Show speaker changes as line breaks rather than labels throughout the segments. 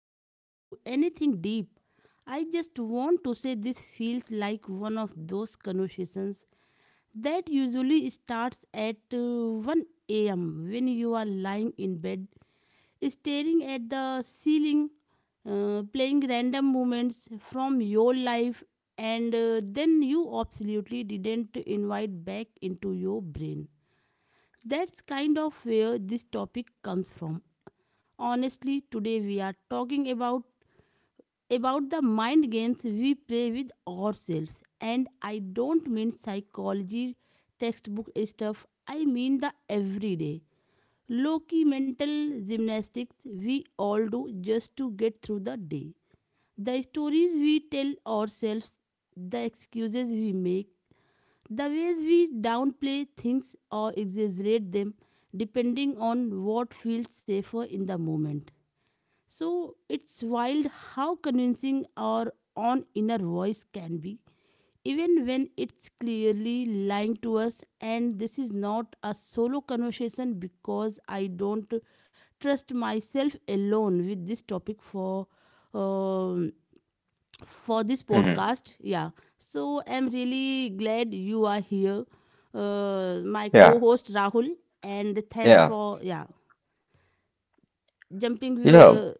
even get into anything deep, I just want to say this feels like one of those conversations that usually starts at 1 a.m. when you are lying in bed, staring at the ceiling, playing random moments from your life, and then you absolutely didn't invite back into your brain. That's kind of where this topic comes from. Honestly, today we are talking about the mind games we play with ourselves. And I don't mean psychology textbook stuff. I mean the everyday low-key mental gymnastics we all do just to get through the day. The stories we tell ourselves, the excuses we make, the ways we downplay things or exaggerate them depending on what feels safer in the moment. So it's wild how convincing our own inner voice can be, even when it's clearly lying to us. And this is not a solo conversation because I don't trust myself alone with this topic for. um for this
hmm
podcast, yeah, so I'm really glad you are here, my
Yeah,
co-host Rahul, and thanks
yeah.
for yeah jumping
You know,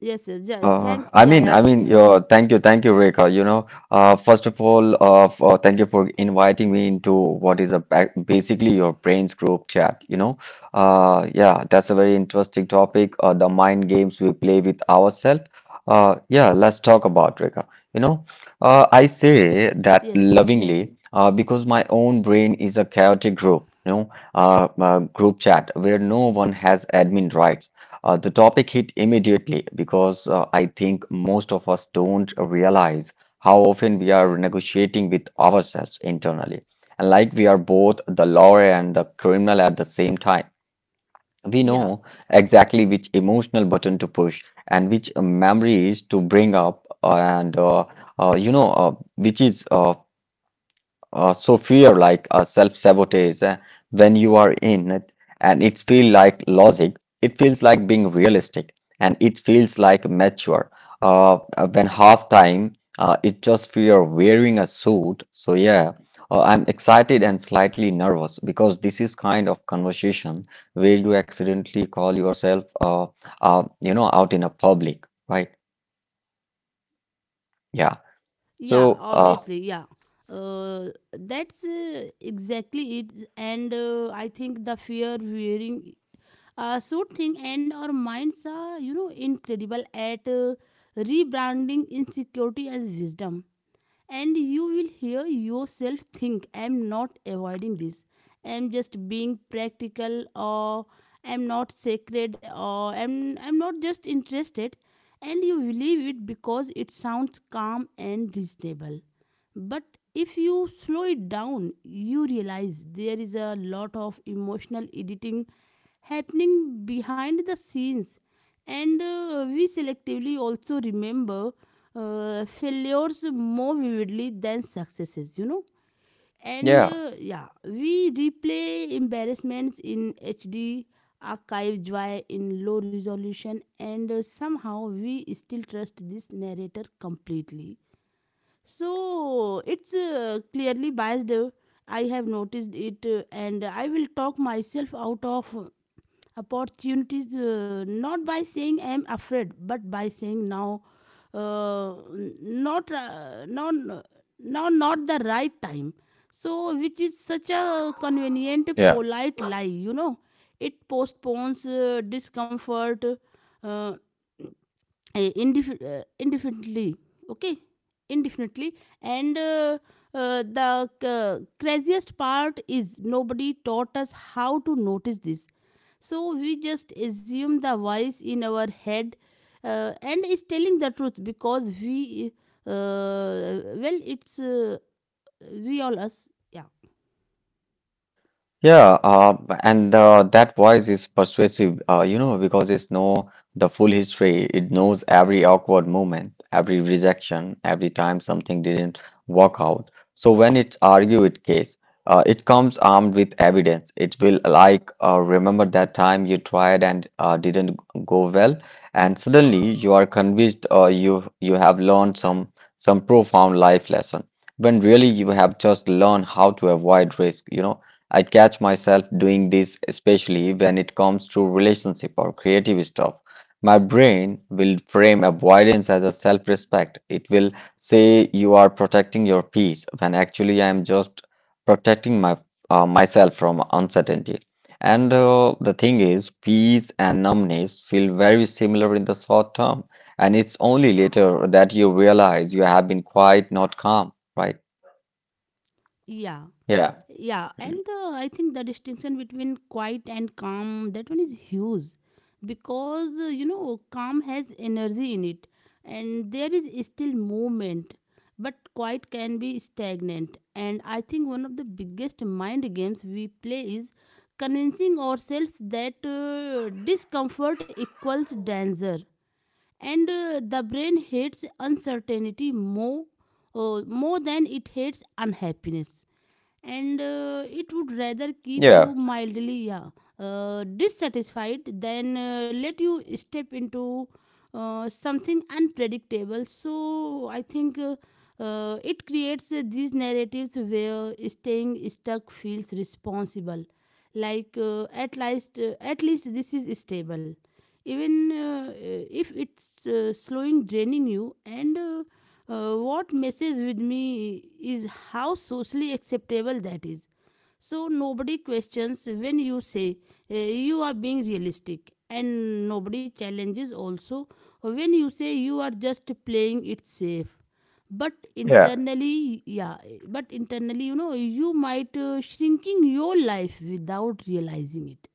yes, yes, yeah, thanks, yeah, yeah.
I mean, your thank you, Rekha. First of all, thank you for inviting me into what is basically your brain's group chat. That's a very interesting topic. The mind games we play with ourselves. Yeah, let's talk about Rekha. You know, I say that
Yes, yes.
lovingly because my own brain is a chaotic group. Group chat where no one has admin rights. The topic hit immediately because I think most of us don't realize how often we are negotiating with ourselves internally. And like we are both the lawyer and the criminal at the same time, we
Yeah.
know exactly which emotional button to push and which memories to bring up, and you know, which is so fear like a self-sabotage when you are in it and it feels like logic, it feels like being realistic and it feels like mature. When half time, it just fear wearing a suit. So yeah, I'm excited and slightly nervous because this is kind of conversation where you accidentally call yourself, you know, out in a public, right? Yeah.
Yeah,
So
obviously, yeah. That's exactly it. And I think the fear wearing suit thing, and our minds are, you know, incredible at rebranding insecurity as wisdom. And you will hear yourself think, I'm not avoiding this, I'm just being practical, or I'm not sacred, or I'm not just interested, and you believe it because it sounds calm and reasonable. But if you slow it down, you realize there is a lot of emotional editing happening behind the scenes, and we selectively also remember failures more vividly than successes, you know. And
yeah,
yeah, we replay embarrassments in HD, archive joy in low resolution, and somehow we still trust this narrator completely. So it's clearly biased. I have noticed it, and I will talk myself out of opportunities, not by saying I am afraid, but by saying now, n- not now, now not the right time. So which is such a
yeah.
convenient, polite lie, you know. It postpones discomfort uh, uh, indefinitely. Okay, indefinitely. And the craziest part is nobody taught us how to notice this, so we just assume the voice in our head and is telling the truth because we uh, well it's we all us, yeah,
Yeah, and that voice is persuasive, you know, because it's know the full history. It knows every awkward moment, every rejection, every time something didn't work out. So when it argue it case, it comes armed with evidence. It will like remember that time you tried and didn't go well, and suddenly you are convinced you have learned some profound life lesson when really you have just learned how to avoid risk. You know, I catch myself doing this, especially when it comes to relationship or creative stuff. My brain will frame avoidance as a self-respect. It will say you are protecting your peace when actually I am just protecting my myself from uncertainty. And the thing is, peace and numbness feel very similar in the short term, and it's only later that you realize you have been quite not calm, right?
yeah.
Yeah.
Yeah, and I think the distinction between quiet and calm, that one is huge because you know, calm has energy in it and there is still movement, but quiet can be stagnant. And I think one of the biggest mind games we play is convincing ourselves that discomfort equals danger. And the brain hates uncertainty more than it hates unhappiness, and it would rather keep
Yeah.
you mildly yeah, dissatisfied than let you step into something unpredictable. So I think it creates these narratives where staying stuck feels responsible, like at least this is stable, even if it's slowing draining you. And what messes with me is how socially acceptable that is. So nobody questions when you say you are being realistic, and nobody challenges also when you say you are just playing it safe, but
Yeah.
internally, yeah, but internally, you know, you might shrinking your life without realizing it.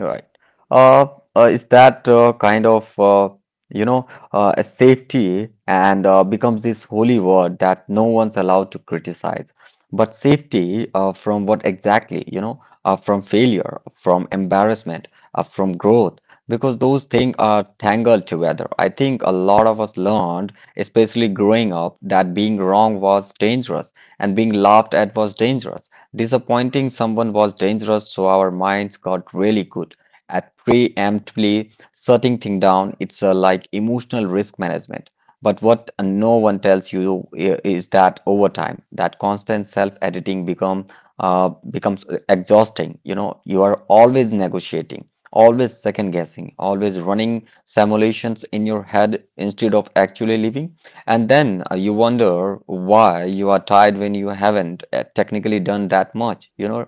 All right. Uh, is that a safety and becomes this holy word that no one's allowed to criticize. But safety from what exactly? You know, from failure, from embarrassment, from growth, because those things are tangled together. I think a lot of us learned, especially growing up, that being wrong was dangerous and being laughed at was dangerous. Disappointing someone was dangerous, so our minds got really good at preemptively shutting things down. It's like emotional risk management. But what no one tells you is that over time, that constant self-editing becomes exhausting. You know, you are always negotiating, always second guessing, always running simulations in your head instead of actually living. And then you wonder why you are tired when you haven't technically done that much, you know?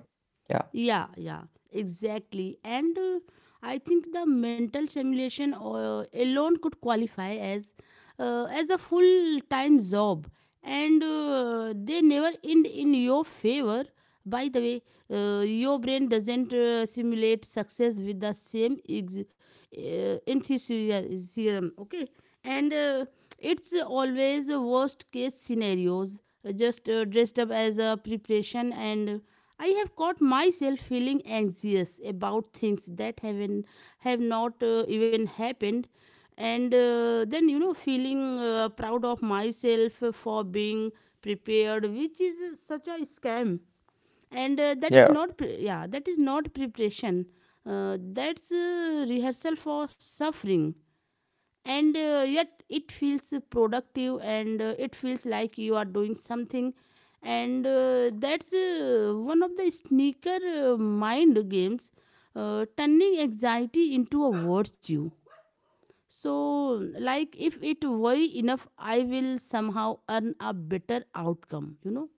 Yeah.
Yeah, yeah, exactly. And I think the mental simulation alone could qualify as a full time job, and they never end in your favor. By the way, your brain doesn't simulate success with the same enthusiasm, okay? And it's always a worst case scenarios, just dressed up as a preparation. And I have caught myself feeling anxious about things that have not even happened, and then, you know, feeling proud of myself for being prepared, which is such a scam. And that is
Yeah.
not pre- yeah, that is not preparation, that's rehearsal for suffering. And yet it feels productive, and it feels like you are doing something, and that's one of the sneaker mind games, turning anxiety into a virtue. So, like, if it worry enough, I will somehow earn a better outcome, you know?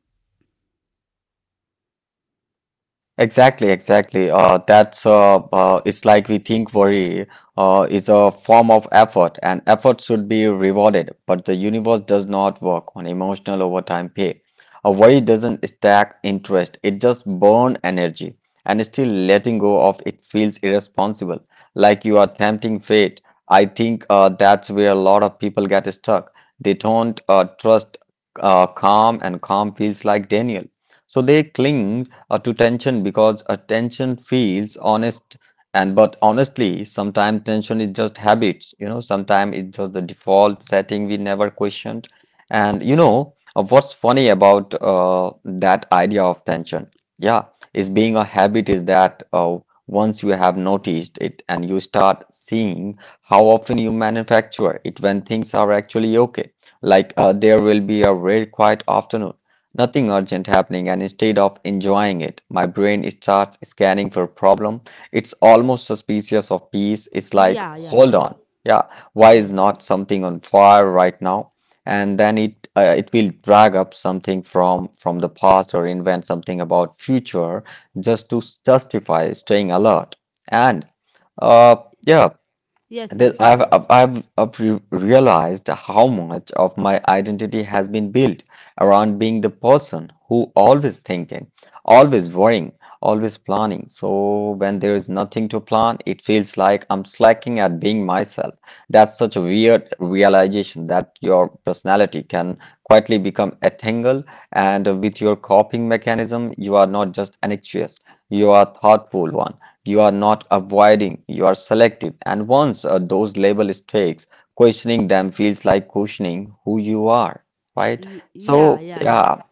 Exactly, exactly. That's It's like we think worry is a form of effort, and effort should be rewarded. But the universe does not work on emotional overtime pay. A worry doesn't stack interest; it just burn energy, and still letting go of it feels irresponsible, like you are tempting fate. I think that's where a lot of people get stuck. They don't trust calm, and calm feels like Daniel. So they cling to tension because a tension feels honest, and but honestly sometimes tension is just habits, you know, sometimes it's just the default setting we never questioned. And you know, what's funny about that idea of tension, yeah, is being a habit is that once you have noticed it and you start seeing how often you manufacture it when things are actually okay, like there will be a rare quiet afternoon, nothing urgent happening, and instead of enjoying it, my brain starts scanning for a problem. It's almost suspicious of peace. It's like,
Yeah, yeah, yeah.
hold on, yeah, why is
Yes.
not something on fire right now? And then it it will drag up something from the past or invent something about future just to justify staying alert. And uh, yeah,
Yes, yes,
that I've,
yes.
I've, I've I've re- realized how much of my identity has been built around being the person who always thinking, always worrying, always planning. So when there is nothing to plan, it feels like I'm slacking at being myself. That's such a weird realization that your personality can quietly become entangled, and with your coping mechanism, you are not just anxious, you are thoughtful one. You are not avoiding, you are selective. And once those label sticks, questioning them feels like questioning who you are, right?
Y- yeah,
So,
yeah, yeah.
yeah,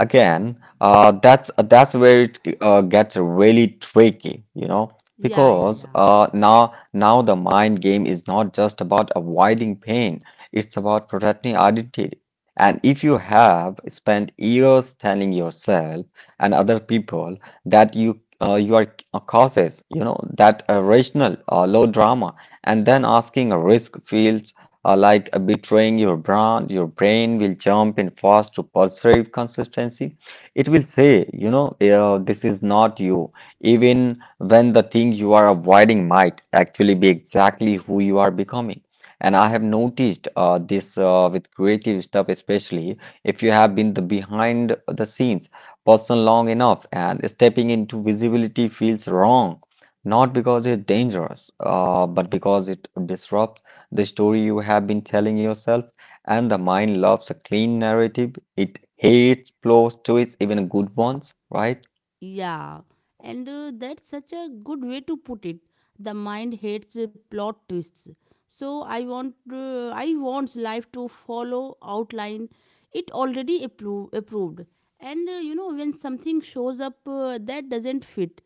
again, that's where it gets really tricky, you know,
Yeah, yeah,
because
yeah.
now the mind game is not just about avoiding pain; it's about protecting identity. And if you have spent years telling yourself and other people that you are causes, you know, that rational, low drama, and then asking a risk feels like betraying your brand, your brain will jump in fast to perceive consistency. It will say, you know, this is not you, even when the thing you are avoiding might actually be exactly who you are becoming. And I have noticed this with creative stuff, especially if you have been the behind the scenes person long enough and stepping into visibility feels wrong, not because it's dangerous, but because it disrupts the story you have been telling yourself, and the mind loves a clean narrative. It hates plot twists, even good ones, right?
Yeah, and that's such a good way to put it, the mind hates plot twists. So I wants life to follow outline it already approved. And you know, when something shows up that doesn't fit,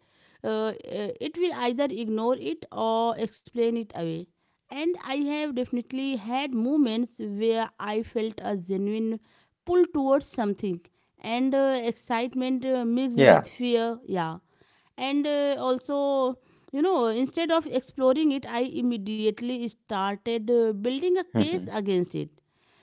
uh, uh, it will either ignore it or explain it away. And I have definitely had moments where I felt a genuine pull towards something, and excitement mixed with
Yeah.
fear, yeah. And also, you know, instead of exploring it, I immediately started building a case against it.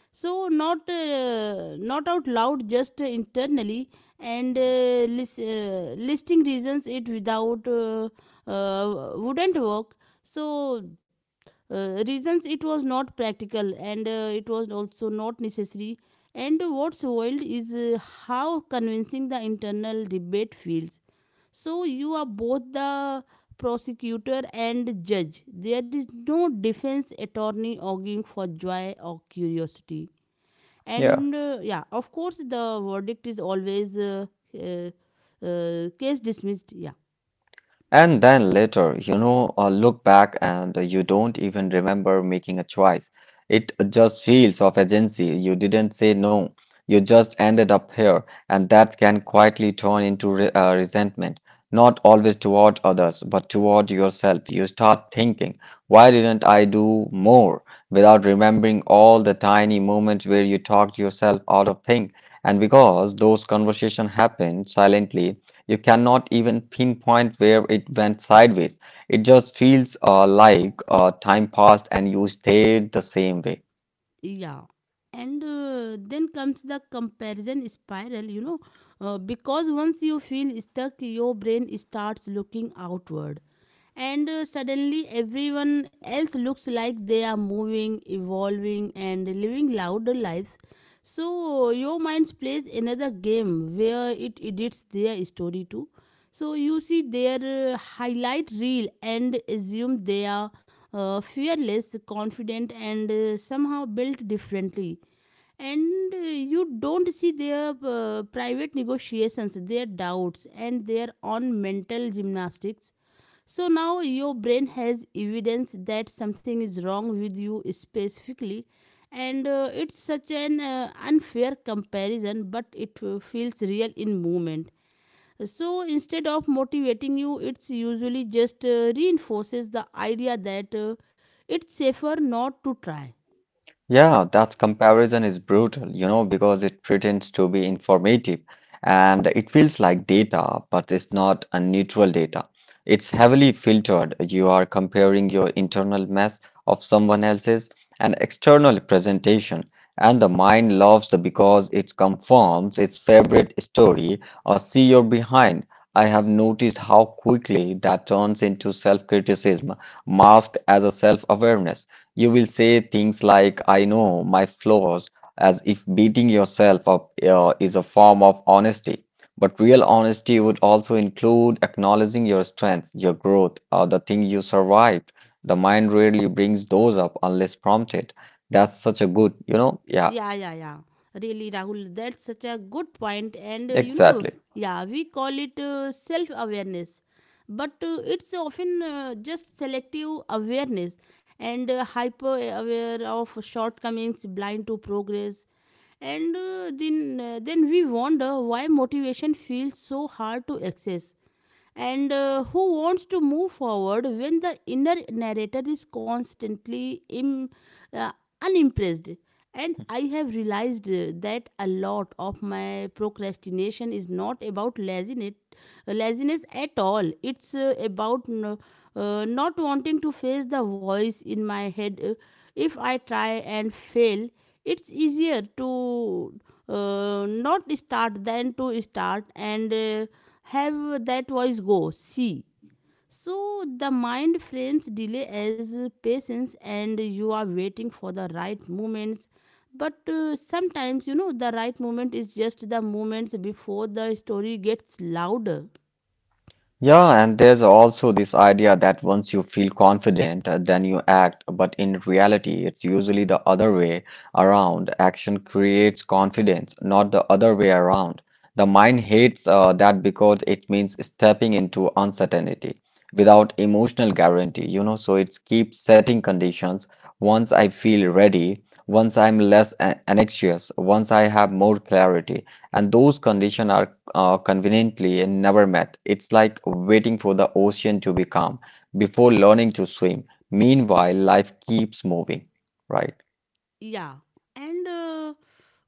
So not out loud, just internally, and listing reasons it without wouldn't work. So reasons it was not practical, and it was also not necessary. And what's wild is how convincing the internal debate feels. So you are both the prosecutor and judge. There is no defense attorney arguing for joy or curiosity.
Yeah.
And yeah, of course, the verdict is always uh, case dismissed. Yeah.
And then later, you know, look back and you don't even remember making a choice. It just feels of agency. You didn't say no. You just ended up here, and that can quietly turn into re resentment, not always toward others, but toward yourself. You start thinking, why didn't I do more? Without remembering all the tiny moments where you talked yourself out of things. And because those conversations happened silently, you cannot even pinpoint where it went sideways. It just feels like time passed and you stayed the same way.
Yeah, and then comes the comparison spiral, you know, because once you feel stuck, your brain starts looking outward. And suddenly everyone else looks like they are moving, evolving, and living louder lives. So your mind plays another game where it edits their story too. So you see their highlight reel and assume they are fearless, confident, and somehow built differently. And you don't see their private negotiations, their doubts, and their own mental gymnastics. So now your brain has evidence that something is wrong with you specifically, and it's such an unfair comparison, but it feels real in moment. So instead of motivating you, it's usually just reinforces the idea that it's safer not to try.
Yeah, that comparison is brutal, you know, because it pretends to be informative and it feels like data, but it's not a neutral data. It's heavily filtered. You are comparing your internal mess of someone else's and external presentation, and the mind loves the because it confirms its favorite story or see your behind. I have noticed how quickly that turns into self-criticism, masked as a self-awareness. You will say things like, I know my flaws, as if beating yourself up is a form of honesty. But real honesty would also include acknowledging your strengths, your growth, or the thing you survived. The mind rarely brings those up unless prompted. That's such a good, you know? Yeah,
Yeah, yeah, yeah. Really, Rahul, that's such a good point. And you know,
exactly.
yeah, we call it self awareness, but it's often just selective awareness, and hyper aware of shortcomings, blind to progress. And then we wonder why motivation feels so hard to access. And who wants to move forward when the inner narrator is constantly uh, unimpressed? And I have realized that a lot of my procrastination is not about laziness at all. It's about not wanting to face the voice in my head. If I try and fail, it's easier to not start than to start and have that voice go, see. So the mind frames delay as patience, and you are waiting for the right moments. But sometimes, you know, the right moment is just the moments before the story gets louder.
Yeah, and there's also this idea that once you feel confident, then you act. But in reality, it's usually the other way around. Action creates confidence, not the other way around. The mind hates that because it means stepping into uncertainty without emotional guarantee, you know. So it keeps setting conditions. Once I feel ready, once I'm less anxious, once I have more clarity, and those conditions are conveniently and never met. It's like waiting for the ocean to be calm before learning to swim. Meanwhile, life keeps moving. Right,
Yeah, and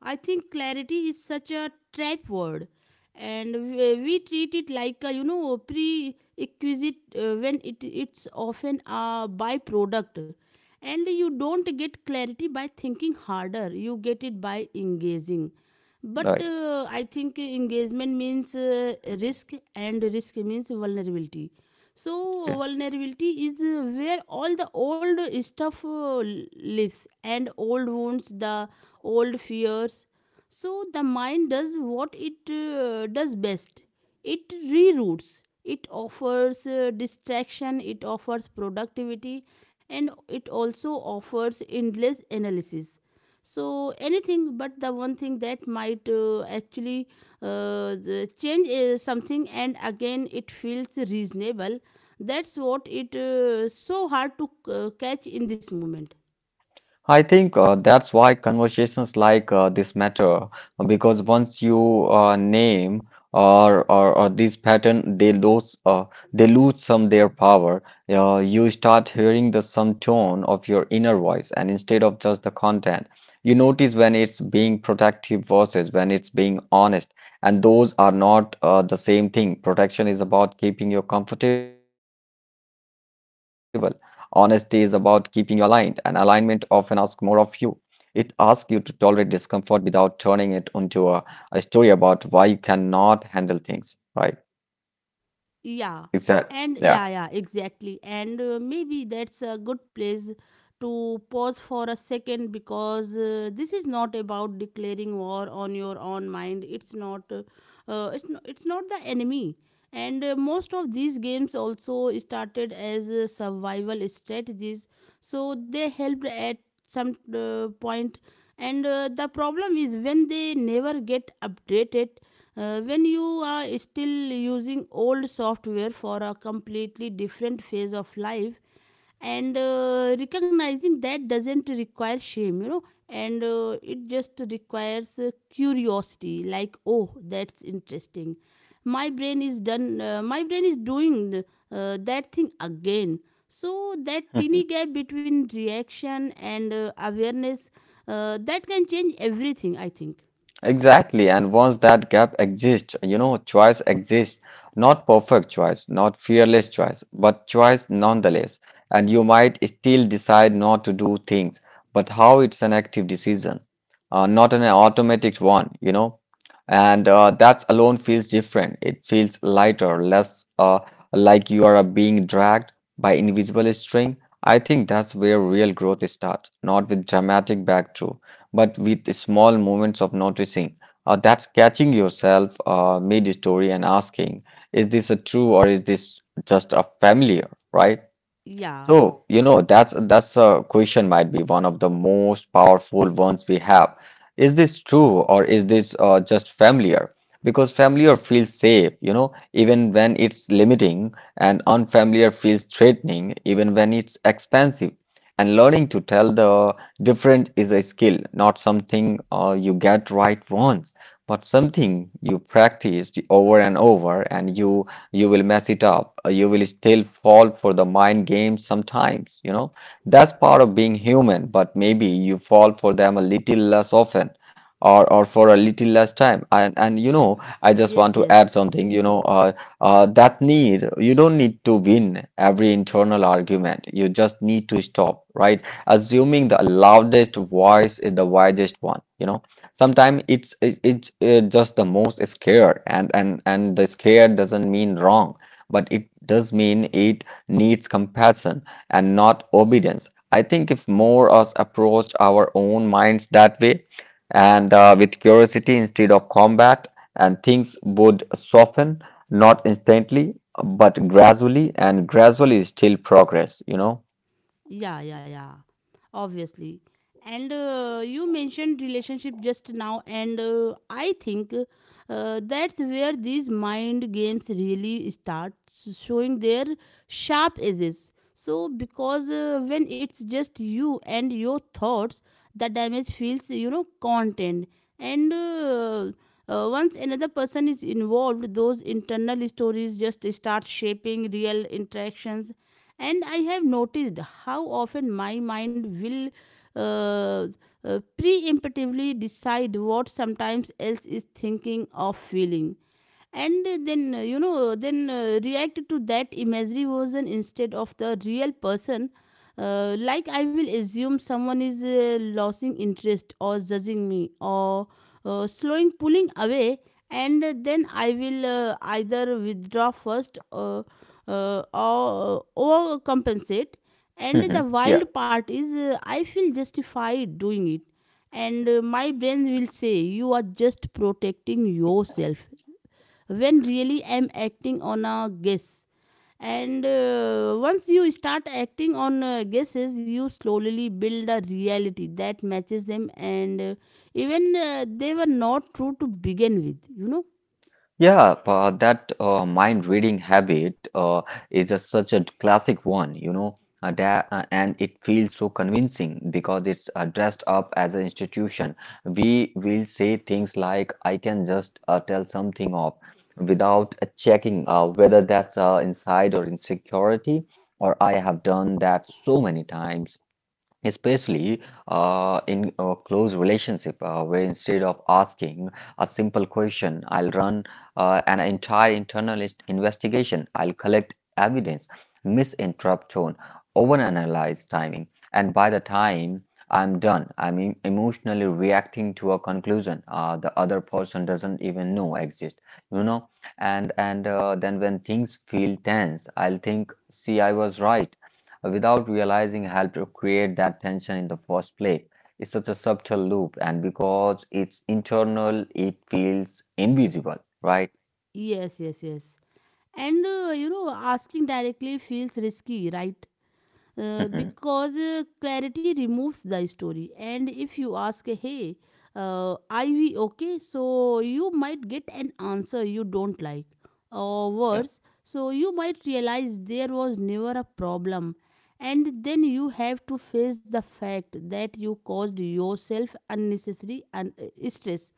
I think clarity is such a trap word, and we treat it like a, you know, prerequisite when it, it's often a byproduct. And you don't get clarity by thinking harder, you get it by engaging. But
right.
I think engagement means risk, and risk means vulnerability. So
Yeah.
vulnerability is where all the old stuff lives, and old wounds, the old fears. So the mind does what it does best. It reroutes, it offers distraction, it offers productivity, and it also offers endless analysis. So anything but the one thing that might actually the change something. And again, it feels reasonable. That's what it so hard to catch in this moment.
I think that's why conversations like this matter, because once you name or these pattern they lose some their power. You start hearing the some tone of your inner voice and instead of just the content, you notice when it's being protective versus when it's being honest, and those are not the same thing. Protection is about keeping you comfortable. Honesty is about keeping you aligned, and alignment often asks more of you. It asks you to tolerate discomfort without turning it into a story about why you cannot handle things, right?
Yeah,
Is that
and
yeah.
yeah, yeah, exactly. And maybe that's a good place to pause for a second because this is not about declaring war on your own mind. It's not the enemy. And most of these games also started as survival strategies, so they helped at some point. And the problem is when they never get updated, when you are still using old software for a completely different phase of life. And recognizing that doesn't require shame, you know. And it just requires curiosity, like, oh, that's interesting, my brain is doing that thing again. So that tiny gap between reaction and awareness, that can change everything, I think.
Exactly. And once that gap exists, you know, choice exists. Not perfect choice, not fearless choice, but choice nonetheless. And you might still decide not to do things, but how it's an active decision, not an automatic one, you know. And that alone feels different. It feels lighter, less like you are being dragged by invisible string. I think that's where real growth starts, not with dramatic breakthrough but with small moments of noticing. That's catching yourself mid story and asking, is this a true or is this just a familiar, right?
Yeah,
So that's a question might be one of the most powerful ones we have. Is this true or is this just familiar? Because familiar feels safe, you know, even when it's limiting, and unfamiliar feels threatening, even when it's expensive. And learning to tell the difference is a skill, not something you get right once, but something you practice over and over, and you will mess it up, you will still fall for the mind games sometimes. That's part of being human, but maybe you fall for them a little less often, or for a little less time. And I just want
yes,
to add
yes.
something. You don't need to win every internal argument. You just need to stop right assuming the loudest voice is the wisest one. Sometimes it's just the most scared, and the scared doesn't mean wrong, but it does mean it needs compassion and not obedience. I think if more us approached our own minds that way, and with curiosity instead of combat, and things would soften, not instantly, but gradually, and gradually still progress. You know.
Yeah, yeah, yeah. Obviously. And You mentioned relationship just now, and I think that's where these mind games really start showing their sharp edges. Because when it's just you and your thoughts, the damage feels, you know, content. And Once another person is involved, those internal stories just start shaping real interactions, and I have noticed how often my mind will uh, preemptively decide what sometimes else is thinking or feeling, and then you know then react to that imaginary version instead of the real person. Like I will assume someone is losing interest or judging me, or slowing, pulling away, and then I will either withdraw first, or compensate. And
Mhm.
the
Yeah.
wild part is, I feel justified doing it, and my brain will say, "You are just protecting yourself," when really I'm acting on a guess. And once you start acting on guesses, you slowly build a reality that matches them, and even they were not true to begin with, you know?
Yeah, that mind reading habit is such a classic one, you know, and it feels so convincing because it's dressed up as an institution. We will say things like, I can just tell something off without checking whether that's inside or insecurity, or I have done that so many times especially in a close relationship where instead of asking a simple question, I'll run an entire internal investigation. I'll collect evidence, misinterrupt tone, overanalyze timing, and by the time I'm done I'm emotionally reacting to a conclusion the other person doesn't even know exist you know and then when things feel tense, I'll think, see, I was right, without realizing helped to create that tension in the first place. It's such a subtle loop, and because it's internal, it feels invisible, right?
Yes, yes, yes. And you know, asking directly feels risky, right? Because clarity removes the story. And if you ask, hey, are we okay? So you might get an answer you don't like, or
Yeah.
worse, so you might realize there was never a problem. And then you have to face the fact that you caused yourself unnecessary stress.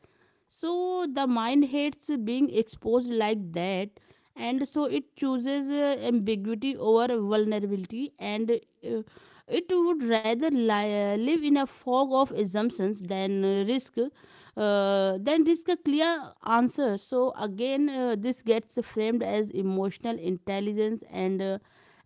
So the mind hates being exposed like that, and so it chooses ambiguity over vulnerability, and it would rather live in a fog of assumptions than risk than risk a clear answer. So again, this gets framed as emotional intelligence, and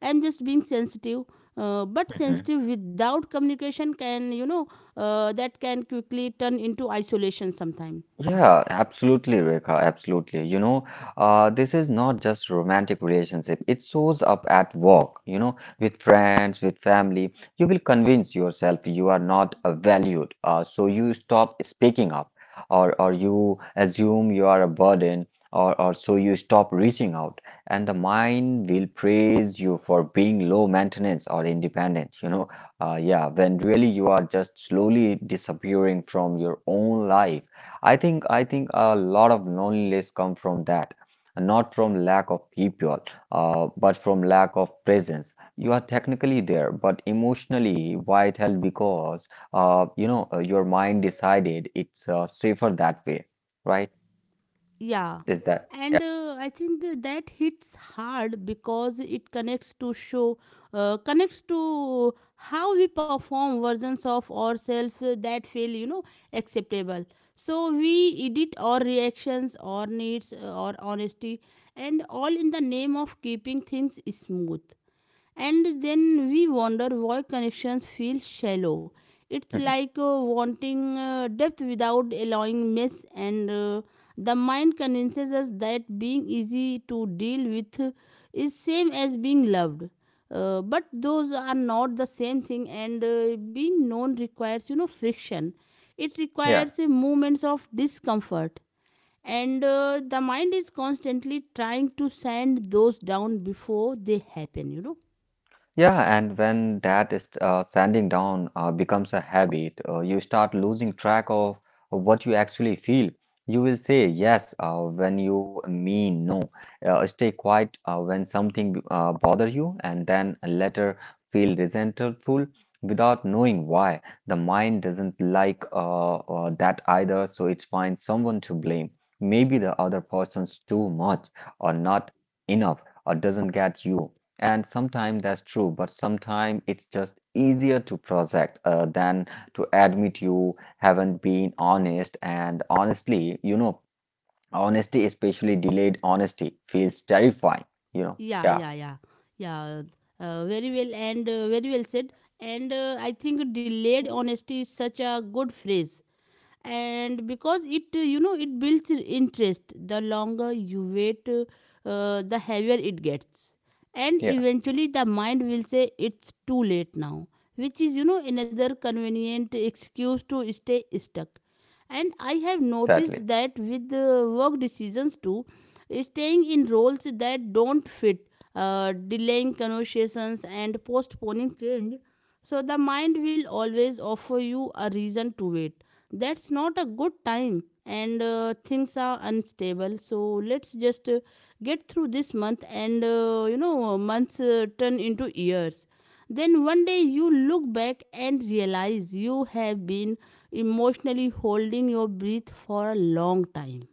I'm just being sensitive. But
Mhm.
sensitive without communication can, you know, that can quickly turn into isolation sometime.
Yeah, absolutely, Rekha. Absolutely. You know, this is not just romantic relationship. It shows up at work, you know, with friends, with family. You will convince yourself you are not valued, so you stop speaking up, or you assume you are a burden, or so you stop reaching out, and the mind will praise you for being low maintenance or independent. You know, yeah, when really you are just slowly disappearing from your own life. I think a lot of loneliness come from that, not from lack of people, but from lack of presence. You are technically there, but emotionally, why it held because your mind decided it's safer that way, right?
Yeah,
Is that?
and I think that hits hard because it connects to show, connects to how we perform versions of ourselves that feel, you know, acceptable. So we edit our reactions, our needs, our honesty, and all in the name of keeping things smooth, and then we wonder why connections feel shallow. It's
Mhm.
like wanting depth without allowing mess, and the mind convinces us that being easy to deal with is same as being loved. But those are not the same thing, and being known requires, you know, friction. It
Yeah.
requires moments of discomfort, and the mind is constantly trying to sand those down before they happen. You know.
Yeah, and when that is sanding down becomes a habit, you start losing track of what you actually feel. You will say yes when you mean no. Stay quiet when something bothers you, and then later feel resentful without knowing why. The mind doesn't like that either, so it finds someone to blame. Maybe the other person's too much or not enough or doesn't get you. And sometimes that's true, but sometimes it's just easier to project than to admit you haven't been honest. And honestly, you know, honesty, especially delayed honesty, feels terrifying, you know.
Yeah,
Yeah,
yeah, yeah, yeah. Very well and very well said. And I think delayed honesty is such a good phrase. And because it, you know, it builds interest. The longer you wait, the heavier it gets. And
yeah,
eventually, the mind will say it's too late now, which is, you know, another convenient excuse to stay stuck. And I have
sadly.
noticed that with work decisions too, staying in roles that don't fit, delaying conversations and postponing change. So the mind will always offer you a reason to wait. That's not a good time, and things are unstable, so let's just get through this month, and you know, months turn into years. Then one day you look back and realize you have been emotionally holding your breath for a long time.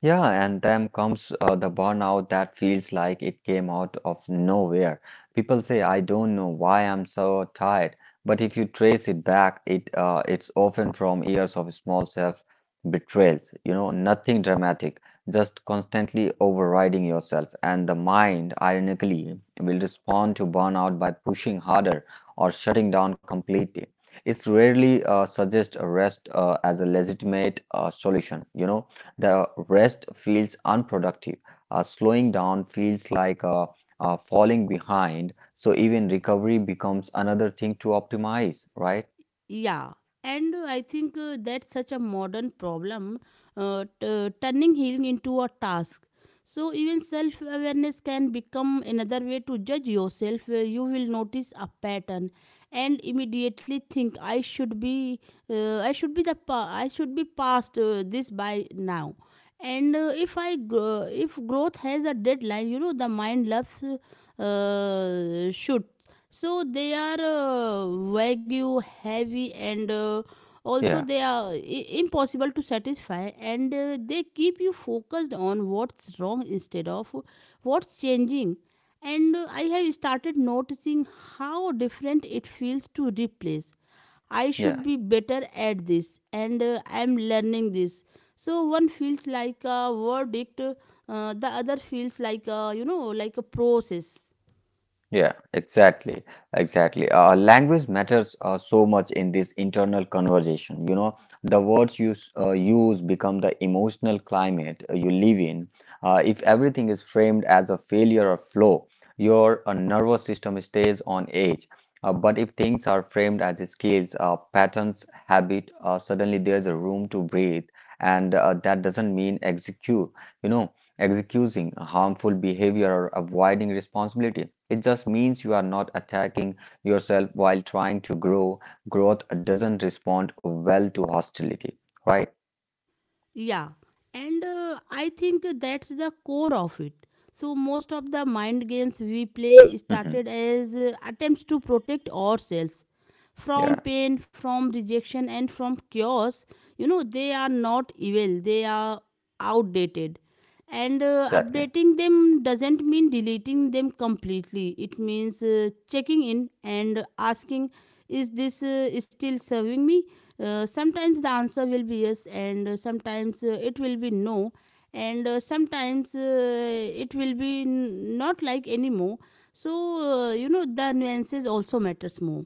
Yeah, and then comes the burnout that feels like it came out of nowhere. People say, I don't know why I'm so tired, but if you trace it back, it's often from years of small self betrayals, you know, nothing dramatic, just constantly overriding yourself. And the mind, ironically, will respond to burnout by pushing harder or shutting down completely. It's rarely suggest a rest as a legitimate solution, you know. The rest feels unproductive. Slowing down feels like falling behind. So even recovery becomes another thing to optimize, right?
Yeah, and I think that's such a modern problem, turning healing into a task. So, even self awareness can become another way to judge yourself, where you will notice a pattern and immediately think, I should be, I should be past this by now. And if growth has a deadline, you know, the mind loves should. So they are wagyu heavy, and uh, also
Yeah,
they are i- impossible to satisfy, and they keep you focused on what's wrong instead of what's changing. And I have started noticing how different it feels to replace. I should
yeah.
be better at this, and I'm learning this. So one feels like a verdict, the other feels like a, you know, like a process.
Yeah, exactly, exactly. Language matters so much in this internal conversation. You know, the words you use become the emotional climate you live in. If everything is framed as a failure or flaw, your nervous system stays on edge. But if things are framed as skills, patterns, habit, suddenly there's a room to breathe, and that doesn't mean execute. You know excusing a harmful behavior or avoiding responsibility. It just means you are not attacking yourself while trying to grow. Growth doesn't respond well to hostility, right?
Yeah, and I think that's the core of it. So most of the mind games we play
Hmm.
started as attempts to protect ourselves
Yeah,
from pain, from rejection, and from chaos. You know, they are not evil; they are outdated. And
exactly.
updating them doesn't mean deleting them completely. It means checking in and asking, "Is this still serving me?" Sometimes the answer will be yes, and sometimes it will be no, and sometimes it will not like anymore. So, you know, the nuances also matters more.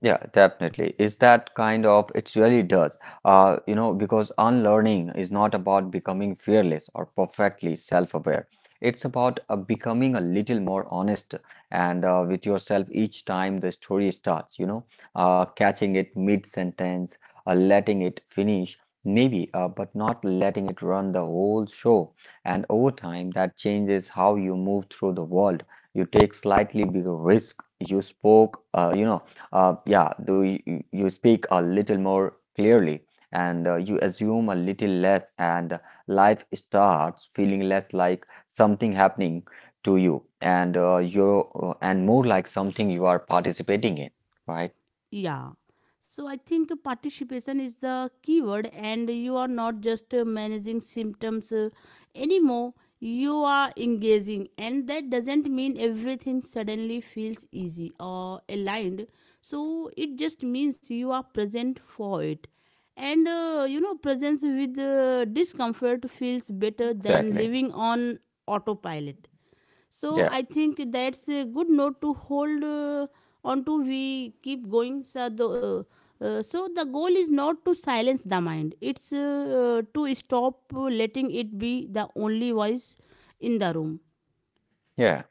Yeah, definitely. Is that kind of, it really does. You know, because unlearning is not about becoming fearless or perfectly self-aware. It's about becoming a little more honest and with yourself each time the story starts, you know, catching it mid-sentence, letting it finish, maybe, but not letting it run the whole show. And over time, that changes how you move through the world. You take slightly bigger risk. You spoke, you know yeah, do you, you speak a little more clearly and you assume a little less, and life starts feeling less like something happening to you and you and more like something you are participating in, right?
Yeah. So I think participation is the keyword, and you are not just managing symptoms anymore. You are engaging, and that doesn't mean everything suddenly feels easy or aligned. So it just means you are present for it. And you know, presence with discomfort feels better than
Exactly.
living on autopilot. So
Yeah,
I think that's a good note to hold on to. We keep going, so the the goal is not to silence the mind, it's to stop letting it be the only voice in the room.
yeah.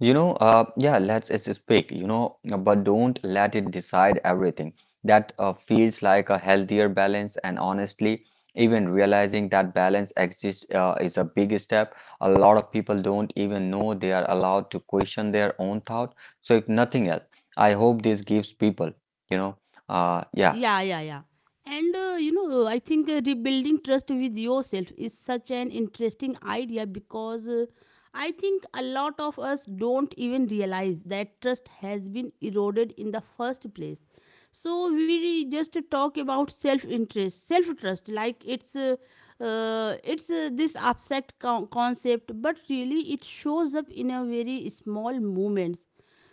You know, yeah, let's just speak, you know, but don't let it decide everything. That feels like a healthier balance, and honestly, even realizing that balance exists is a big step. A lot of people don't even know they are allowed to question their own thought. So, if nothing else, I hope this gives people, you know, yeah.
Yeah, yeah, yeah. And you know, I think rebuilding trust with yourself is such an interesting idea, because I think a lot of us don't even realize that trust has been eroded in the first place. So we just talk about self-interest, self-trust, like it's this abstract concept, but really it shows up in a very small moments.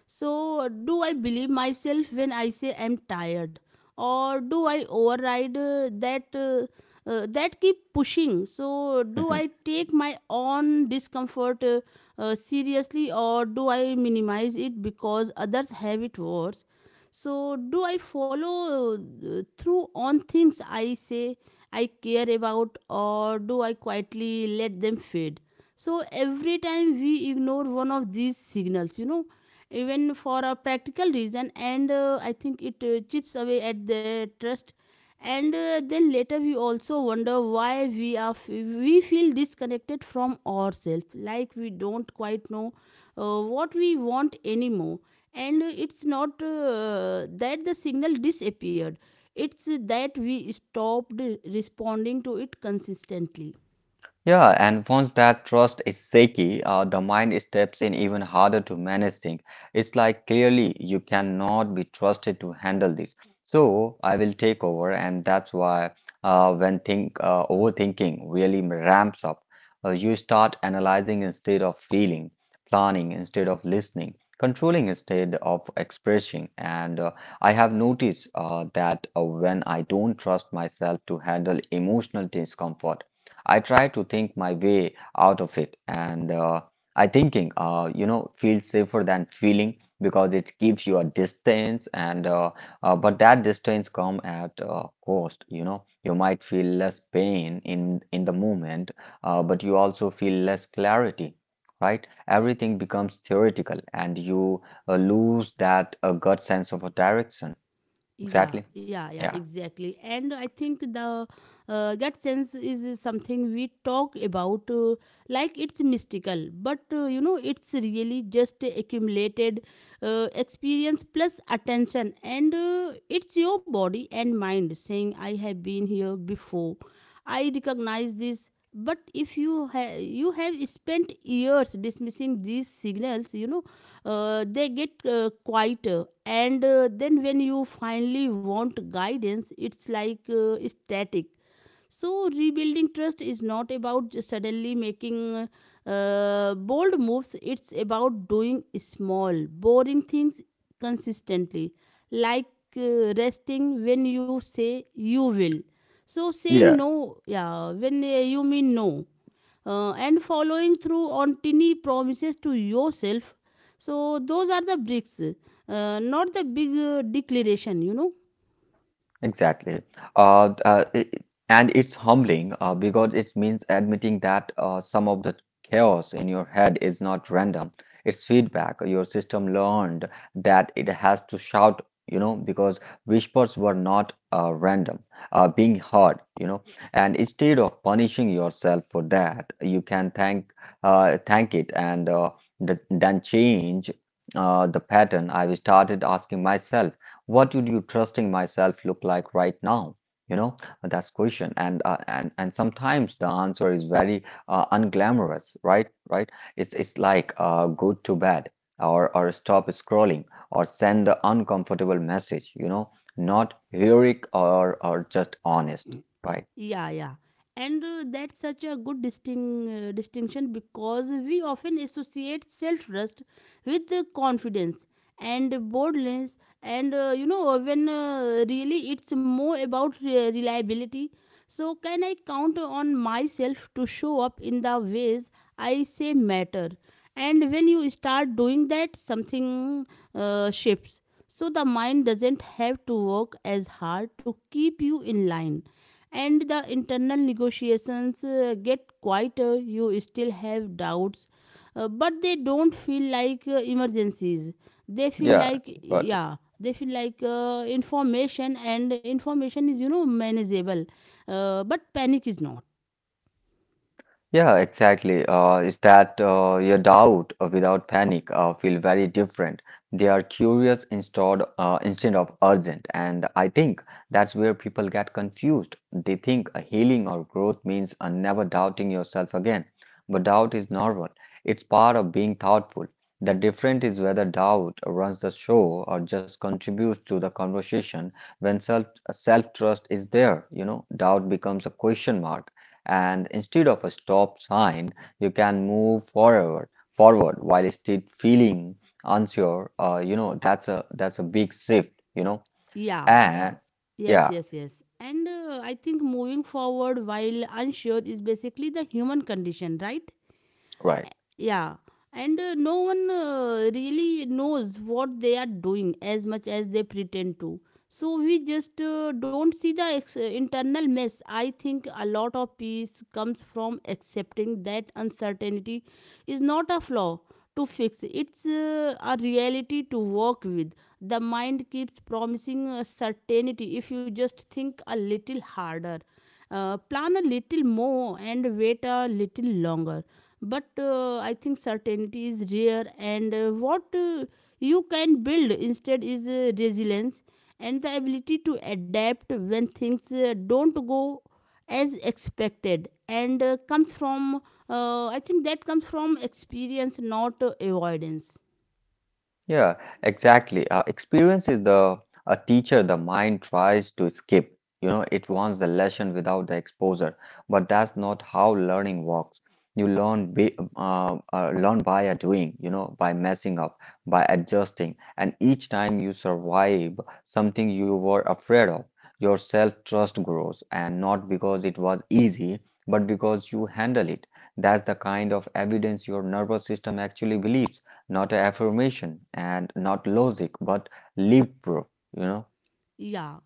So, do I believe myself when I say I'm tired, or do I override that? That keep pushing. So do I take my own discomfort, seriously, or do I minimize it because others have it worse? So do I follow through on things I say I care about, or do I quietly let them fade? So every time we ignore one of these signals, you know, even for a practical reason, and I think it chips away at their trust. And then later we also wonder why we feel disconnected from ourselves, like we don't quite know what we want anymore. And it's not that the signal disappeared, it's that we stopped responding to it consistently.
Yeah, and once that trust is shaky, the mind steps in even harder to manage things. It's like clearly you cannot be trusted to handle this. So I will take over, and that's why when think overthinking really ramps up, you start analyzing instead of feeling, planning instead of listening, controlling instead of expressing. And I have noticed that when I don't trust myself to handle emotional discomfort, I try to think my way out of it, and you know, feels safer than feeling because it gives you a distance, and but that distance come at cost. You know, you might feel less pain in the moment, but you also feel less clarity. Right? Everything becomes theoretical, and you lose that gut sense of a direction.
Yeah,
Exactly.
yeah, yeah,
Yeah.
exactly. And I think the gut sense is something we talk about, like it's mystical, but you know, it's really just accumulated experience plus attention, and it's your body and mind saying I have been here before, I recognize this. But if you have spent years dismissing these signals, you know, they get quieter, and then when you finally want guidance, it's like static. So, rebuilding trust is not about just suddenly making bold moves, it's about doing small, boring things consistently, like resting when you say you will. So, saying
Yeah.
no, yeah, when you mean no, and following through on tiny promises to yourself. So, those are the bricks, not the big declaration, you know.
Exactly. Uh, uh, i- and it's humbling because it means admitting that some of the chaos in your head is not random. It's feedback. Your system learned that it has to shout, you know, because whispers were not random, being heard, you know. And instead of punishing yourself for that, you can thank it and then change the pattern. I started asking myself, what would you trusting myself look like right now, you know? That's question. And sometimes the answer is very unglamorous, right? It's like, go to bed, or stop scrolling, or send the uncomfortable message, you know, not heroic, or just honest, right?
Yeah, yeah. And that's such a good distinction, because we often associate self trust with confidence and boldness, and you know, when really it's more about reliability. So, can I count on myself to show up in the ways I say matter? And when you start doing that, something shifts. So, the mind doesn't have to work as hard to keep you in line. And the internal negotiations get quieter, you still have doubts, but they don't feel like emergencies. They feel
Yeah,
like,
got it.
yeah, they feel like information, and information is, you know, manageable. But panic is not.
Yeah, exactly. Is that your doubt without panic feel very different. They are curious instead of urgent, and I think that's where people get confused. They think a healing or growth means never doubting yourself again, but doubt is normal. It's part of being thoughtful. The difference is whether doubt runs the show or just contributes to the conversation. When self trust is there, you know, doubt becomes a question mark and instead of a stop sign, you can move forward while still feeling unsure. You know, that's a big shift, you know.
Yeah,
And
yes,
yeah,
yes, yes. And I think moving forward while unsure is basically the human condition, right?
right.
Yeah, and no one really knows what they are doing as much as they pretend to. So we just don't see the internal mess. I think a lot of peace comes from accepting that uncertainty is not a flaw to fix. It's a reality to work with. The mind keeps promising certainty if you just think a little harder. Plan a little more and wait a little longer. But I think certainty is rare, and what you can build instead is resilience and the ability to adapt when things don't go as expected. And comes from I think that comes from experience, not avoidance.
Yeah, exactly. Experience is the a teacher the mind tries to skip. You know, it wants the lesson without the exposure, but that's not how learning works. You learn by a doing, you know, by messing up, by adjusting, and each time you survive something you were afraid of, your self-trust grows, and not because it was easy, but because you handle it. That's the kind of evidence your nervous system actually believes, not affirmation and not logic, but leap proof, you know?
Yeah.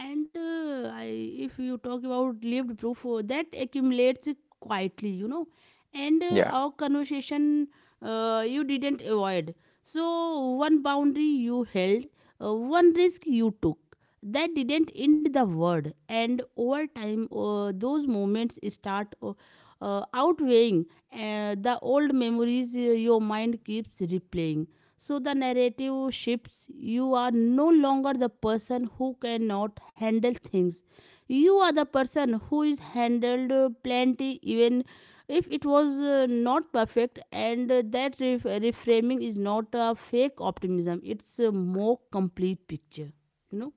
And if you talk about lived proof, that accumulates quietly, you know. And
Yeah.
our conversation you didn't avoid. So, one boundary you held, one risk you took, that didn't end the word. And over time, those moments start outweighing the old memories your mind keeps replaying. So the narrative shifts. You are no longer the person who cannot handle things. You are the person who is handled plenty, even if it was not perfect. And that reframing is not a fake optimism, it's a more complete picture, you know.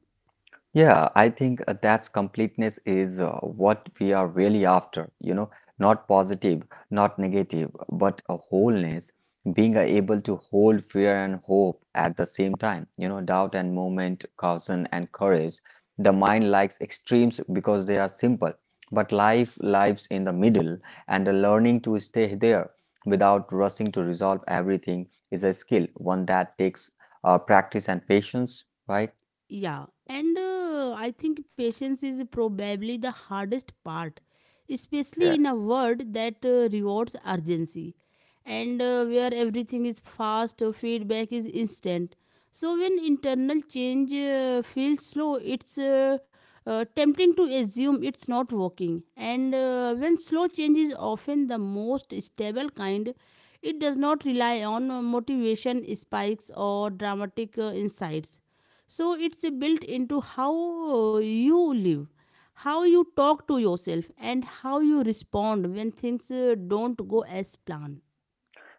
Yeah, I think that's completeness is what we are really after, you know, not positive, not negative, but a wholeness, being able to hold fear and hope at the same time, you know, doubt and moment, caution and courage. The mind likes extremes because they are simple, but life lives in the middle, and the learning to stay there without rushing to resolve everything is a skill, one that takes practice and patience, right?
Yeah, and I think patience is probably the hardest part, especially
Yeah.
in a world that rewards urgency and where everything is fast, feedback is instant. So, when internal change feels slow, it's tempting to assume it's not working. And when slow change is often the most stable kind, it does not rely on motivation spikes or dramatic insights, so it's built into how you live, how you talk to yourself, and how you respond when things don't go as planned.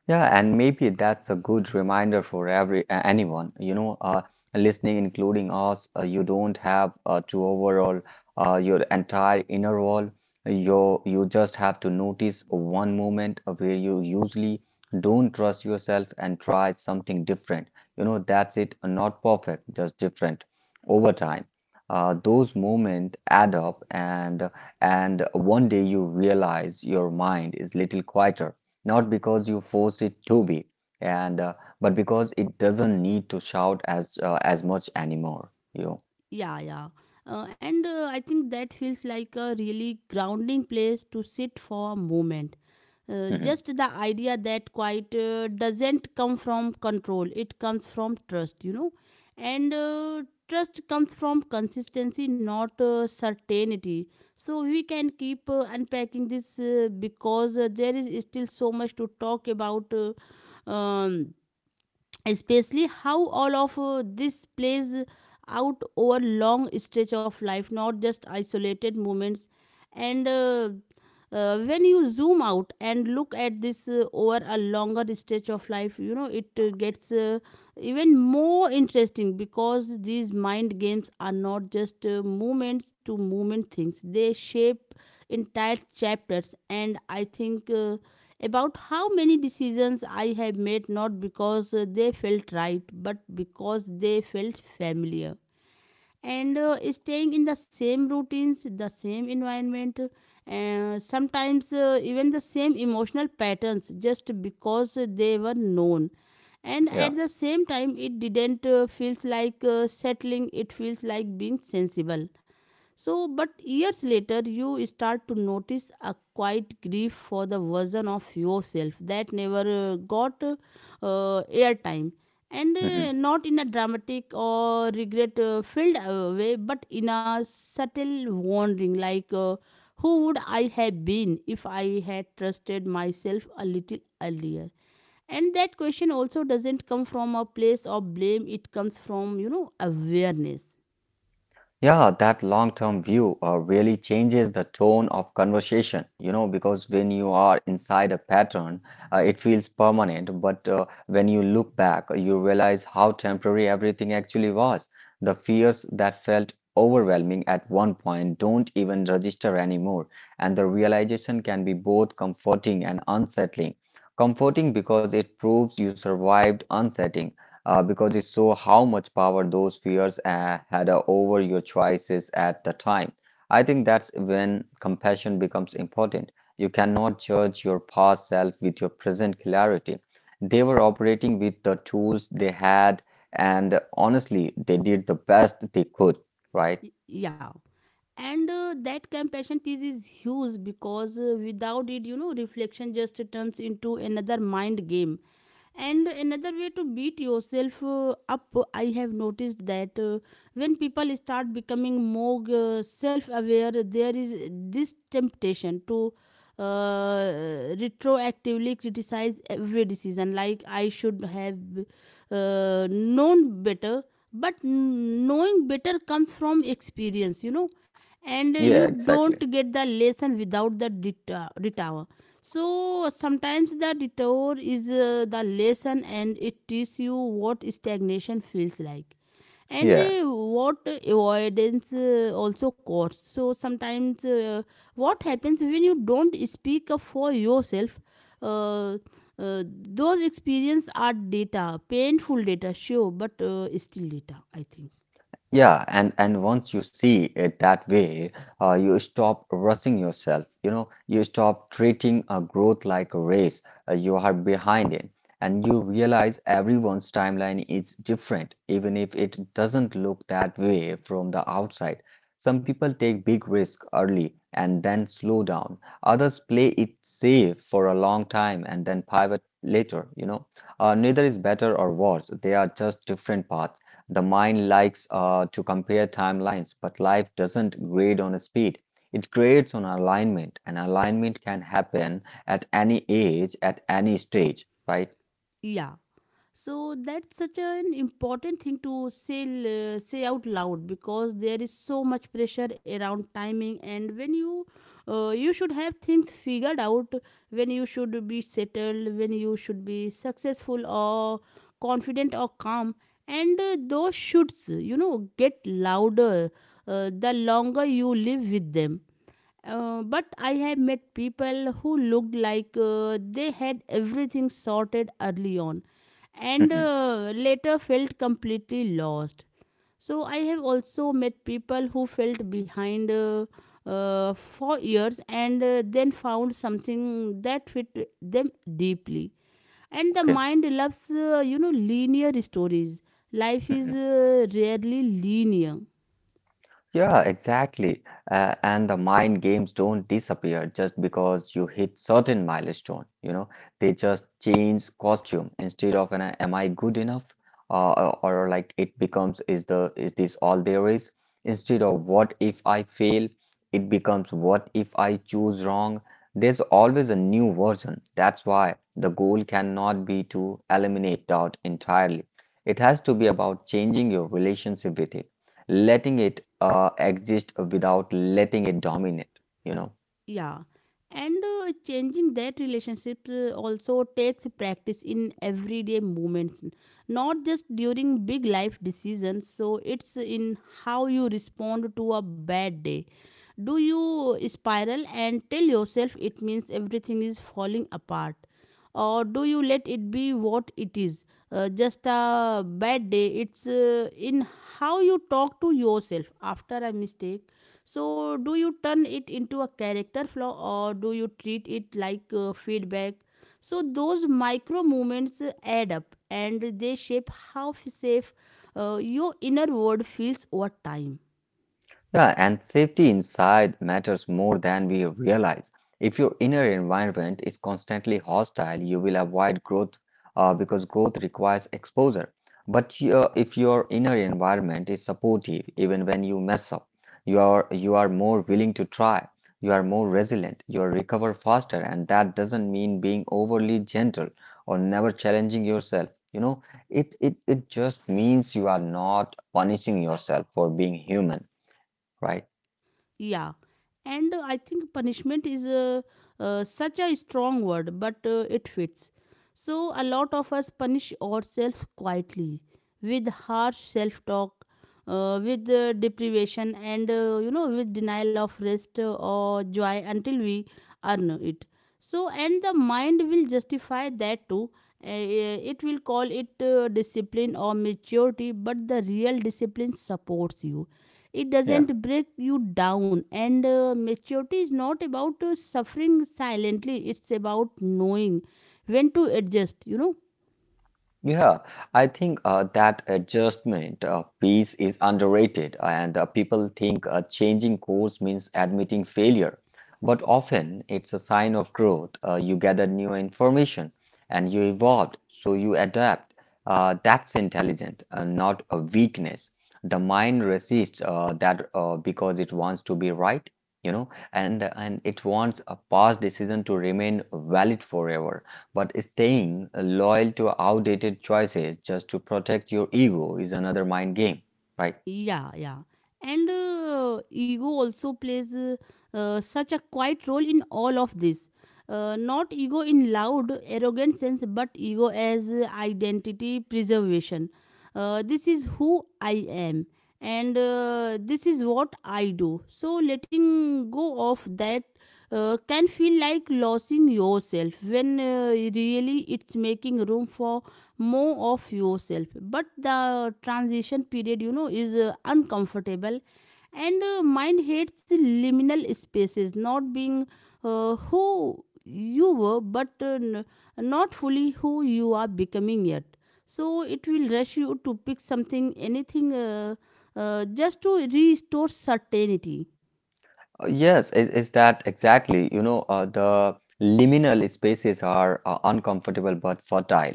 Yeah, and maybe that's a good reminder for anyone, you know, listening, including us. You don't have to overhaul your entire inner wall. You just have to notice one moment where you usually don't trust yourself and try something different. You know, that's it. Not perfect, just different. Over time, those moments add up, and one day you realize your mind is little quieter not because you force it to be, and but because it doesn't need to shout as much anymore. You, know.
Yeah, yeah. And I think that feels like a really grounding place to sit for a moment.
Mhm.
Just the idea that quiet doesn't come from control, it comes from trust. And trust comes from consistency, not certainty. So we can keep unpacking this because there is still so much to talk about. Uh, um, Especially how all of this plays out over long stretch of life, not just isolated moments. And When you zoom out and look at this over a longer stretch of life, you know, it gets even more interesting, because these mind games are not just movements to movement things. They shape entire chapters. And I think about how many decisions I have made, not because they felt right, but because they felt familiar. And staying in the same routines, the same environment, sometimes even the same emotional patterns, just because they were known. And
Yeah.
at the same time, it didn't feels like settling, it feels like being sensible. So, but years later, you start to notice a quiet grief for the version of yourself that never got airtime. And
Mhm.
not in a dramatic or regret filled way, but in a subtle wondering, like, who would I have been if I had trusted myself a little earlier? And that question also doesn't come from a place of blame, it comes from, you know, awareness.
Yeah, that long-term view really changes the tone of conversation, you know, because when you are inside a pattern, it feels permanent. But when you look back, you realize how temporary everything actually was. The fears that felt overwhelming at one point don't even register anymore. And the realization can be both comforting and unsettling. Comforting because it proves you survived unsettling, because it show how much power those fears had over your choices at the time. I think that's when compassion becomes important. You cannot judge your past self with your present clarity. They were operating with the tools they had, and honestly, they did the best they could, right?
Yeah. And that compassion piece is huge because without it, you know, reflection just turns into another mind game, and another way to beat yourself up. I have noticed that when people start becoming more self aware, there is this temptation to retroactively criticize every decision, like I should have known better. But knowing better comes from experience, you know. And you
Yeah,
don't
exactly.
get the lesson without the detour. So sometimes the detour is the lesson, and it teaches you what stagnation feels like, and
Yeah.
what avoidance also costs. So sometimes what happens when you don't speak up for yourself, uh, those experiences are data, painful data sure, but still data, I think.
Yeah, and once you see it that way, you stop rushing yourself. You know, you stop treating a growth like a race. You are behind it, and you realize everyone's timeline is different, even if it doesn't look that way from the outside. Some people take big risk early and then slow down. Others play it safe for a long time and then pivot later. You know, neither is better or worse. They are just different paths. The mind likes to compare timelines, but life doesn't grade on speed. It grades on alignment, and alignment can happen at any age, at any stage, right?
Yeah. So that's such an important thing to say, say out loud, because there is so much pressure around timing and when you you should have things figured out, when you should be settled, when you should be successful, or confident or calm. And those shoulds, you know, get louder the longer you live with them. But I have met people who looked like they had everything sorted early on, and
Mhm.
later felt completely lost. So I have also met people who felt behind for years, and then found something that fit them deeply. And the
Okay.
mind loves, you know, linear stories. Life is
Mhm.
rarely linear.
Yeah, exactly. And the mind games don't disappear just because you hit certain milestone. You know, they just change costume instead of an "Am I good enough?" Or like it becomes "Is the is this all there is?" Instead of "What if I fail?" It becomes "What if I choose wrong?" There's always a new version. That's why the goal cannot be to eliminate doubt entirely. It has to be about changing your relationship with it letting it exist without letting it dominate, you know.
Yeah. And changing that relationship also takes practice in everyday moments, not just during big life decisions. So it's in how you respond to a bad day. Do you spiral and tell yourself it means everything is falling apart? Or do you let it be what it is? Just a bad day. It's in how you talk to yourself after a mistake. So, do you turn it into a character flaw, or do you treat it like feedback? So those micro movements add up, and they shape how safe your inner world feels over time.
Yeah, and safety inside matters more than we realize. If your inner environment is constantly hostile, you will avoid growth because growth requires exposure. But your, if your inner environment is supportive, even when you mess up, you are more willing to try. You are more resilient. You recover faster, and that doesn't mean being overly gentle or never challenging yourself. You know, it just means you are not punishing yourself for being human, right?
Yeah, and I think punishment is such a strong word, but it fits. So, a lot of us punish ourselves quietly with harsh self talk, with deprivation, and you know, with denial of rest or joy until we earn it. So, and the mind will justify that too. It will call it discipline or maturity, but the real discipline supports you, it
Yeah.
doesn't break you down. And maturity is not about suffering silently, it's about knowing when to adjust, you know.
Yeah, I think that adjustment piece is underrated, and people think changing course means admitting failure. But often it's a sign of growth. You gather new information and you evolved, so you adapt. That's intelligent, not a weakness. The mind resists that because it wants to be right, you know, and it wants a past decision to remain valid forever. But staying loyal to outdated choices just to protect your ego is another mind game, right?
Yeah, yeah. And ego also plays such a quiet role in all of this. Not ego in loud, arrogant sense, but ego as identity preservation. This is who I am, and this is what I do. So letting go of that can feel like losing yourself, when really it's making room for more of yourself. But the transition period, you know, is uncomfortable. And mind hates the liminal spaces, not being who you were, but not fully who you are becoming yet. So it will rush you to pick something, anything, just to restore certainty.
Yes, is that exactly? You know, the liminal spaces are uncomfortable but fertile.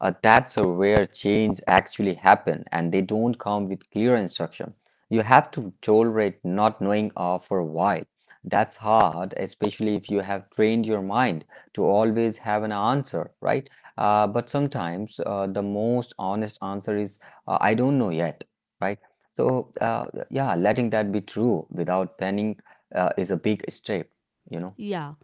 That's where change actually happen, and they don't come with clear instruction. You have to tolerate not knowing for a while. That's hard, especially if you have trained your mind to always have an answer, right? But sometimes the most honest answer is, I don't know yet, right? So, yeah, letting that be true without panic is a big step, you know.
Yeah,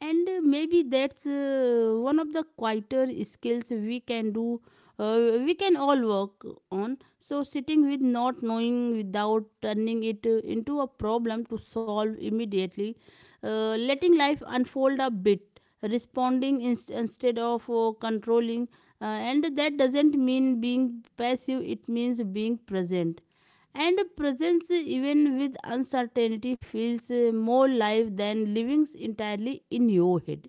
and maybe that's one of the quieter skills we can do. We can all work on. So sitting with not knowing, without turning it into a problem to solve immediately, letting life unfold a bit, responding instead of controlling, and that doesn't mean being passive. It means being present, and presence, even with uncertainty, feels more live than living entirely in your head.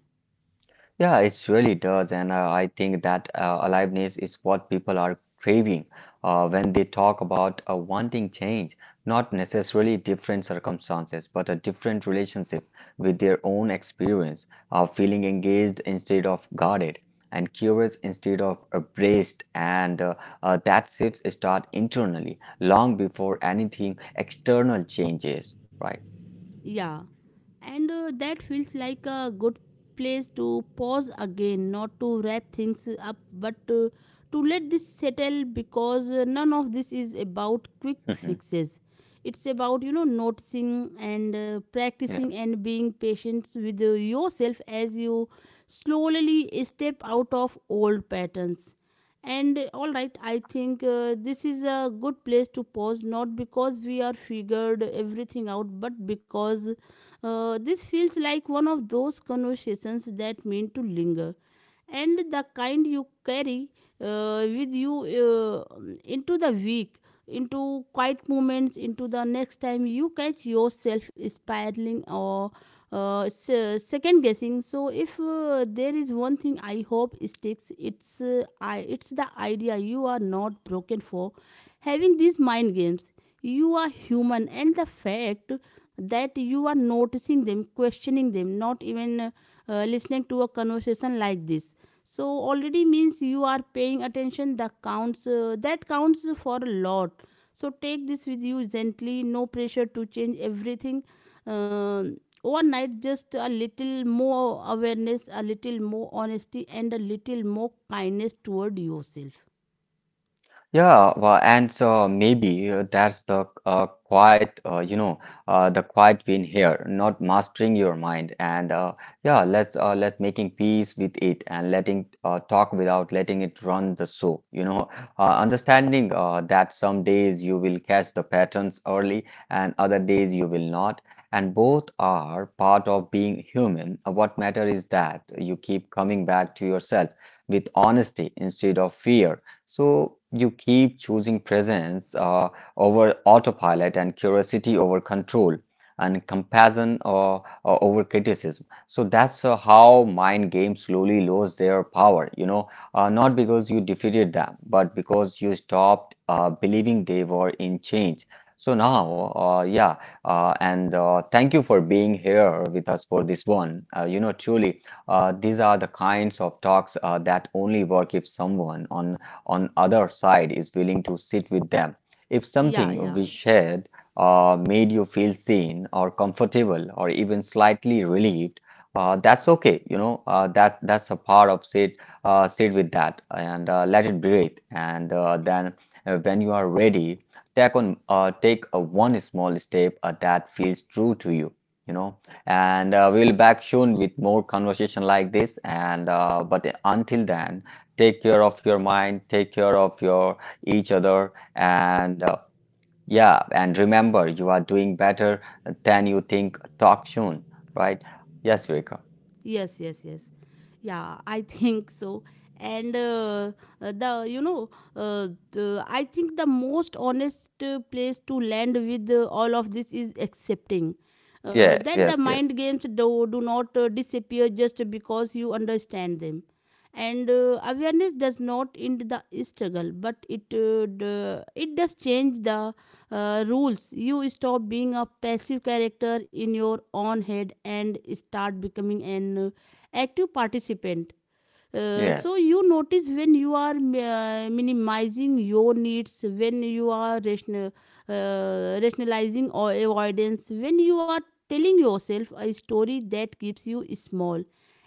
Yeah, it really does, and I think that aliveness is what people are craving when they talk about wanting change, not necessarily different circumstances, but a different relationship with their own experience, feeling engaged instead of guarded, and curious instead of braced, and that shifts start internally long before anything external changes, right?
Yeah, and that feels like a good place to pause again, not to wrap things up, but to let this settle, because none of this is about quick fixes. It's about, you know, noticing and practicing
Yeah.
and being patient with yourself as you slowly step out of old patterns. And all right, I think this is a good place to pause, not because we are figured everything out, but because this feels like one of those conversations that mean to linger, and the kind you carry with you into the week, into quiet moments, into the next time you catch yourself spiraling or second guessing. So if there is one thing I hope sticks, it's the idea you are not broken for having these mind games. You are human, and the fact that you are noticing them, questioning them, not even listening to a conversation like this, so already means you are paying attention. The counts uh, that counts for a lot. So take this with you gently, no pressure to change everything uh, overnight, just a little more awareness, a little more honesty, and a little more kindness toward yourself.
Yeah, well, and so maybe that's the quiet, you know, the quiet win here, not mastering your mind. And Yeah, let's making peace with it and letting talk without letting it run the show. You know, understanding that some days you will catch the patterns early and other days you will not. And both are part of being human. What matter is that you keep coming back to yourself with honesty instead of fear so you keep choosing presence over autopilot and curiosity over control and compassion over criticism. So that's how mind games slowly lose their power, you know, not because you defeated them, but because you stopped believing they were in change. So now, yeah, and thank you for being here with us for this one. You know, truly, these are the kinds of talks that only work if someone on other side is willing to sit with them. If
Yeah,
something
yeah.
we shared made you feel seen or comfortable or even slightly relieved, that's okay. You know, that's a part of sit sit with that and let it breathe. And then when you are ready, take on take a one small step that feels true to you. You know, and we will back soon with more conversation like this. And but until then take care of your mind, take care of your each other, and yeah, and remember, you are doing better than you think. Talk soon, right? Yes, Vika.
Yes, yes, yes. Yeah, I think so. And the you know the, I think the most honest place to land with all of this is accepting
Yeah,
that the
yes, yes,
mind games do not disappear just because you understand them. And awareness does not end the struggle, but it it does change the rules. You stop being a passive character in your own head, and start becoming an active participant. So
yes.
you notice when you are minimizing your needs, when you are rationalizing or avoidance, when you are telling yourself a story that keeps you small.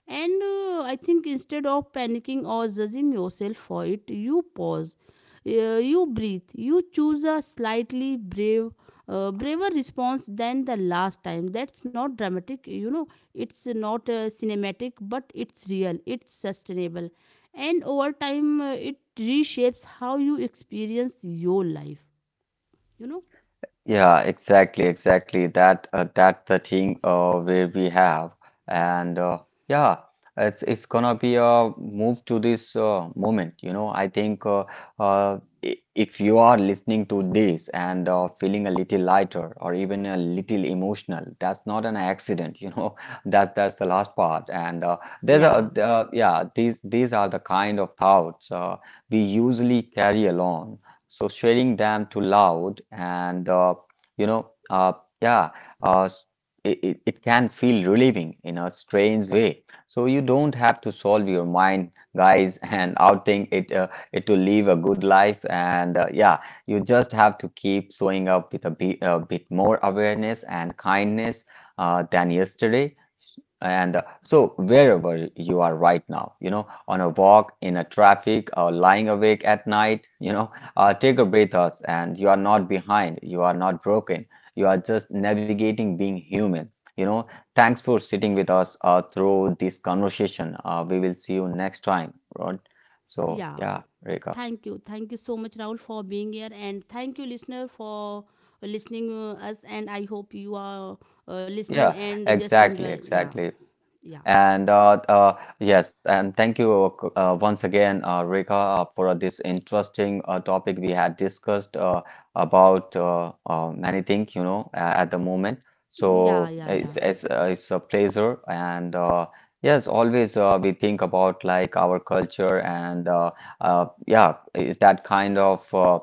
And I think instead of panicking or judging yourself for it, you pause, you breathe, you choose a slightly braver response than the last time. That's not dramatic, you know, it's not cinematic, but it's real, it's sustainable. And over time, it reshapes how you experience your life, you know?
Yeah, exactly, exactly. That that the thing where we have and yeah, it's gonna be a move to this moment. You know, I think if you are listening to this and feeling a little lighter or even a little emotional, that's not an accident. You know, that's the last part. And there's
Yeah,
a Yeah, these are the kind of thoughts we usually carry along so sharing them too loud and you know uh, yeah, uh, it can feel relieving in a strange way so you don't have to solve your mind guys and outing it to live a good life and yeah you just have to keep showing up with a bit more awareness and kindness than yesterday and so, wherever you are right now, you know, on a walk, in a traffic, or lying awake at night, you know, take a breath, us, and you are not behind. You are not broken. You are just navigating being human. You know, thanks for sitting with us through this conversation. We will see you next time, right? So,
yeah.
yeah, Rika.
Thank you. Thank you so much, Raul, for being here. And thank you, listener, for listening us. And I hope you are listening
Yeah,
and just
exactly,
enjoy. Yeah,
exactly.
yeah,
And Yes, and thank you once again, Rekha, for this interesting topic we had discussed about many things, you know, at the moment.
yeah,
So
yeah, yeah,
it's a pleasure, and yes, always we think about like our culture, and yeah, is that kind of. Uh,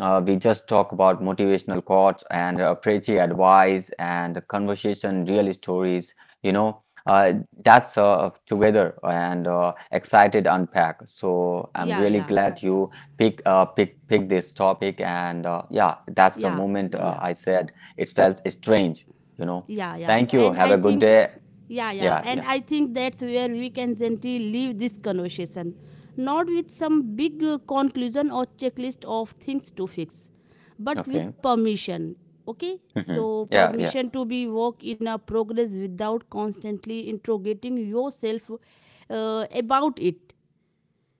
Uh, We just talk about motivational quotes and preachy advice and conversation, real stories, you know. Uh, that's together and excited unpack. So I'm
yeah,
really
yeah,
glad you pick pick this topic and yeah, that's the
yeah,
moment
yeah.
I said it felt strange, you know.
Yeah
Thank you.
and I
Have a good
think,
day.
yeah, yeah,
Yeah,
and
yeah.
I think that's where we can gently leave this conversation, not with some big conclusion or checklist of things to fix, but with
Okay.
permission. Okay,
Hmm.
so
Yeah, yeah.
permission to be work in a progress without constantly interrogating yourself about it.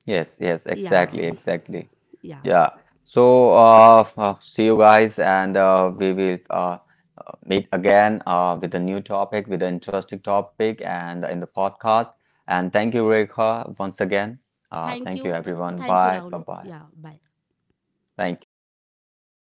Yes, yes.
Yeah,
Exactly, exactly.
yeah.
Yeah. So see you guys and we will meet again with a new topic, with an interesting topic, and in the podcast. And thank you, Rekha, once again.
Thank you.
Thank you, everyone.
Thank you,
Bye.
Rahul.
Bye bye.
Yeah, bye.
Thank you. Thank you. And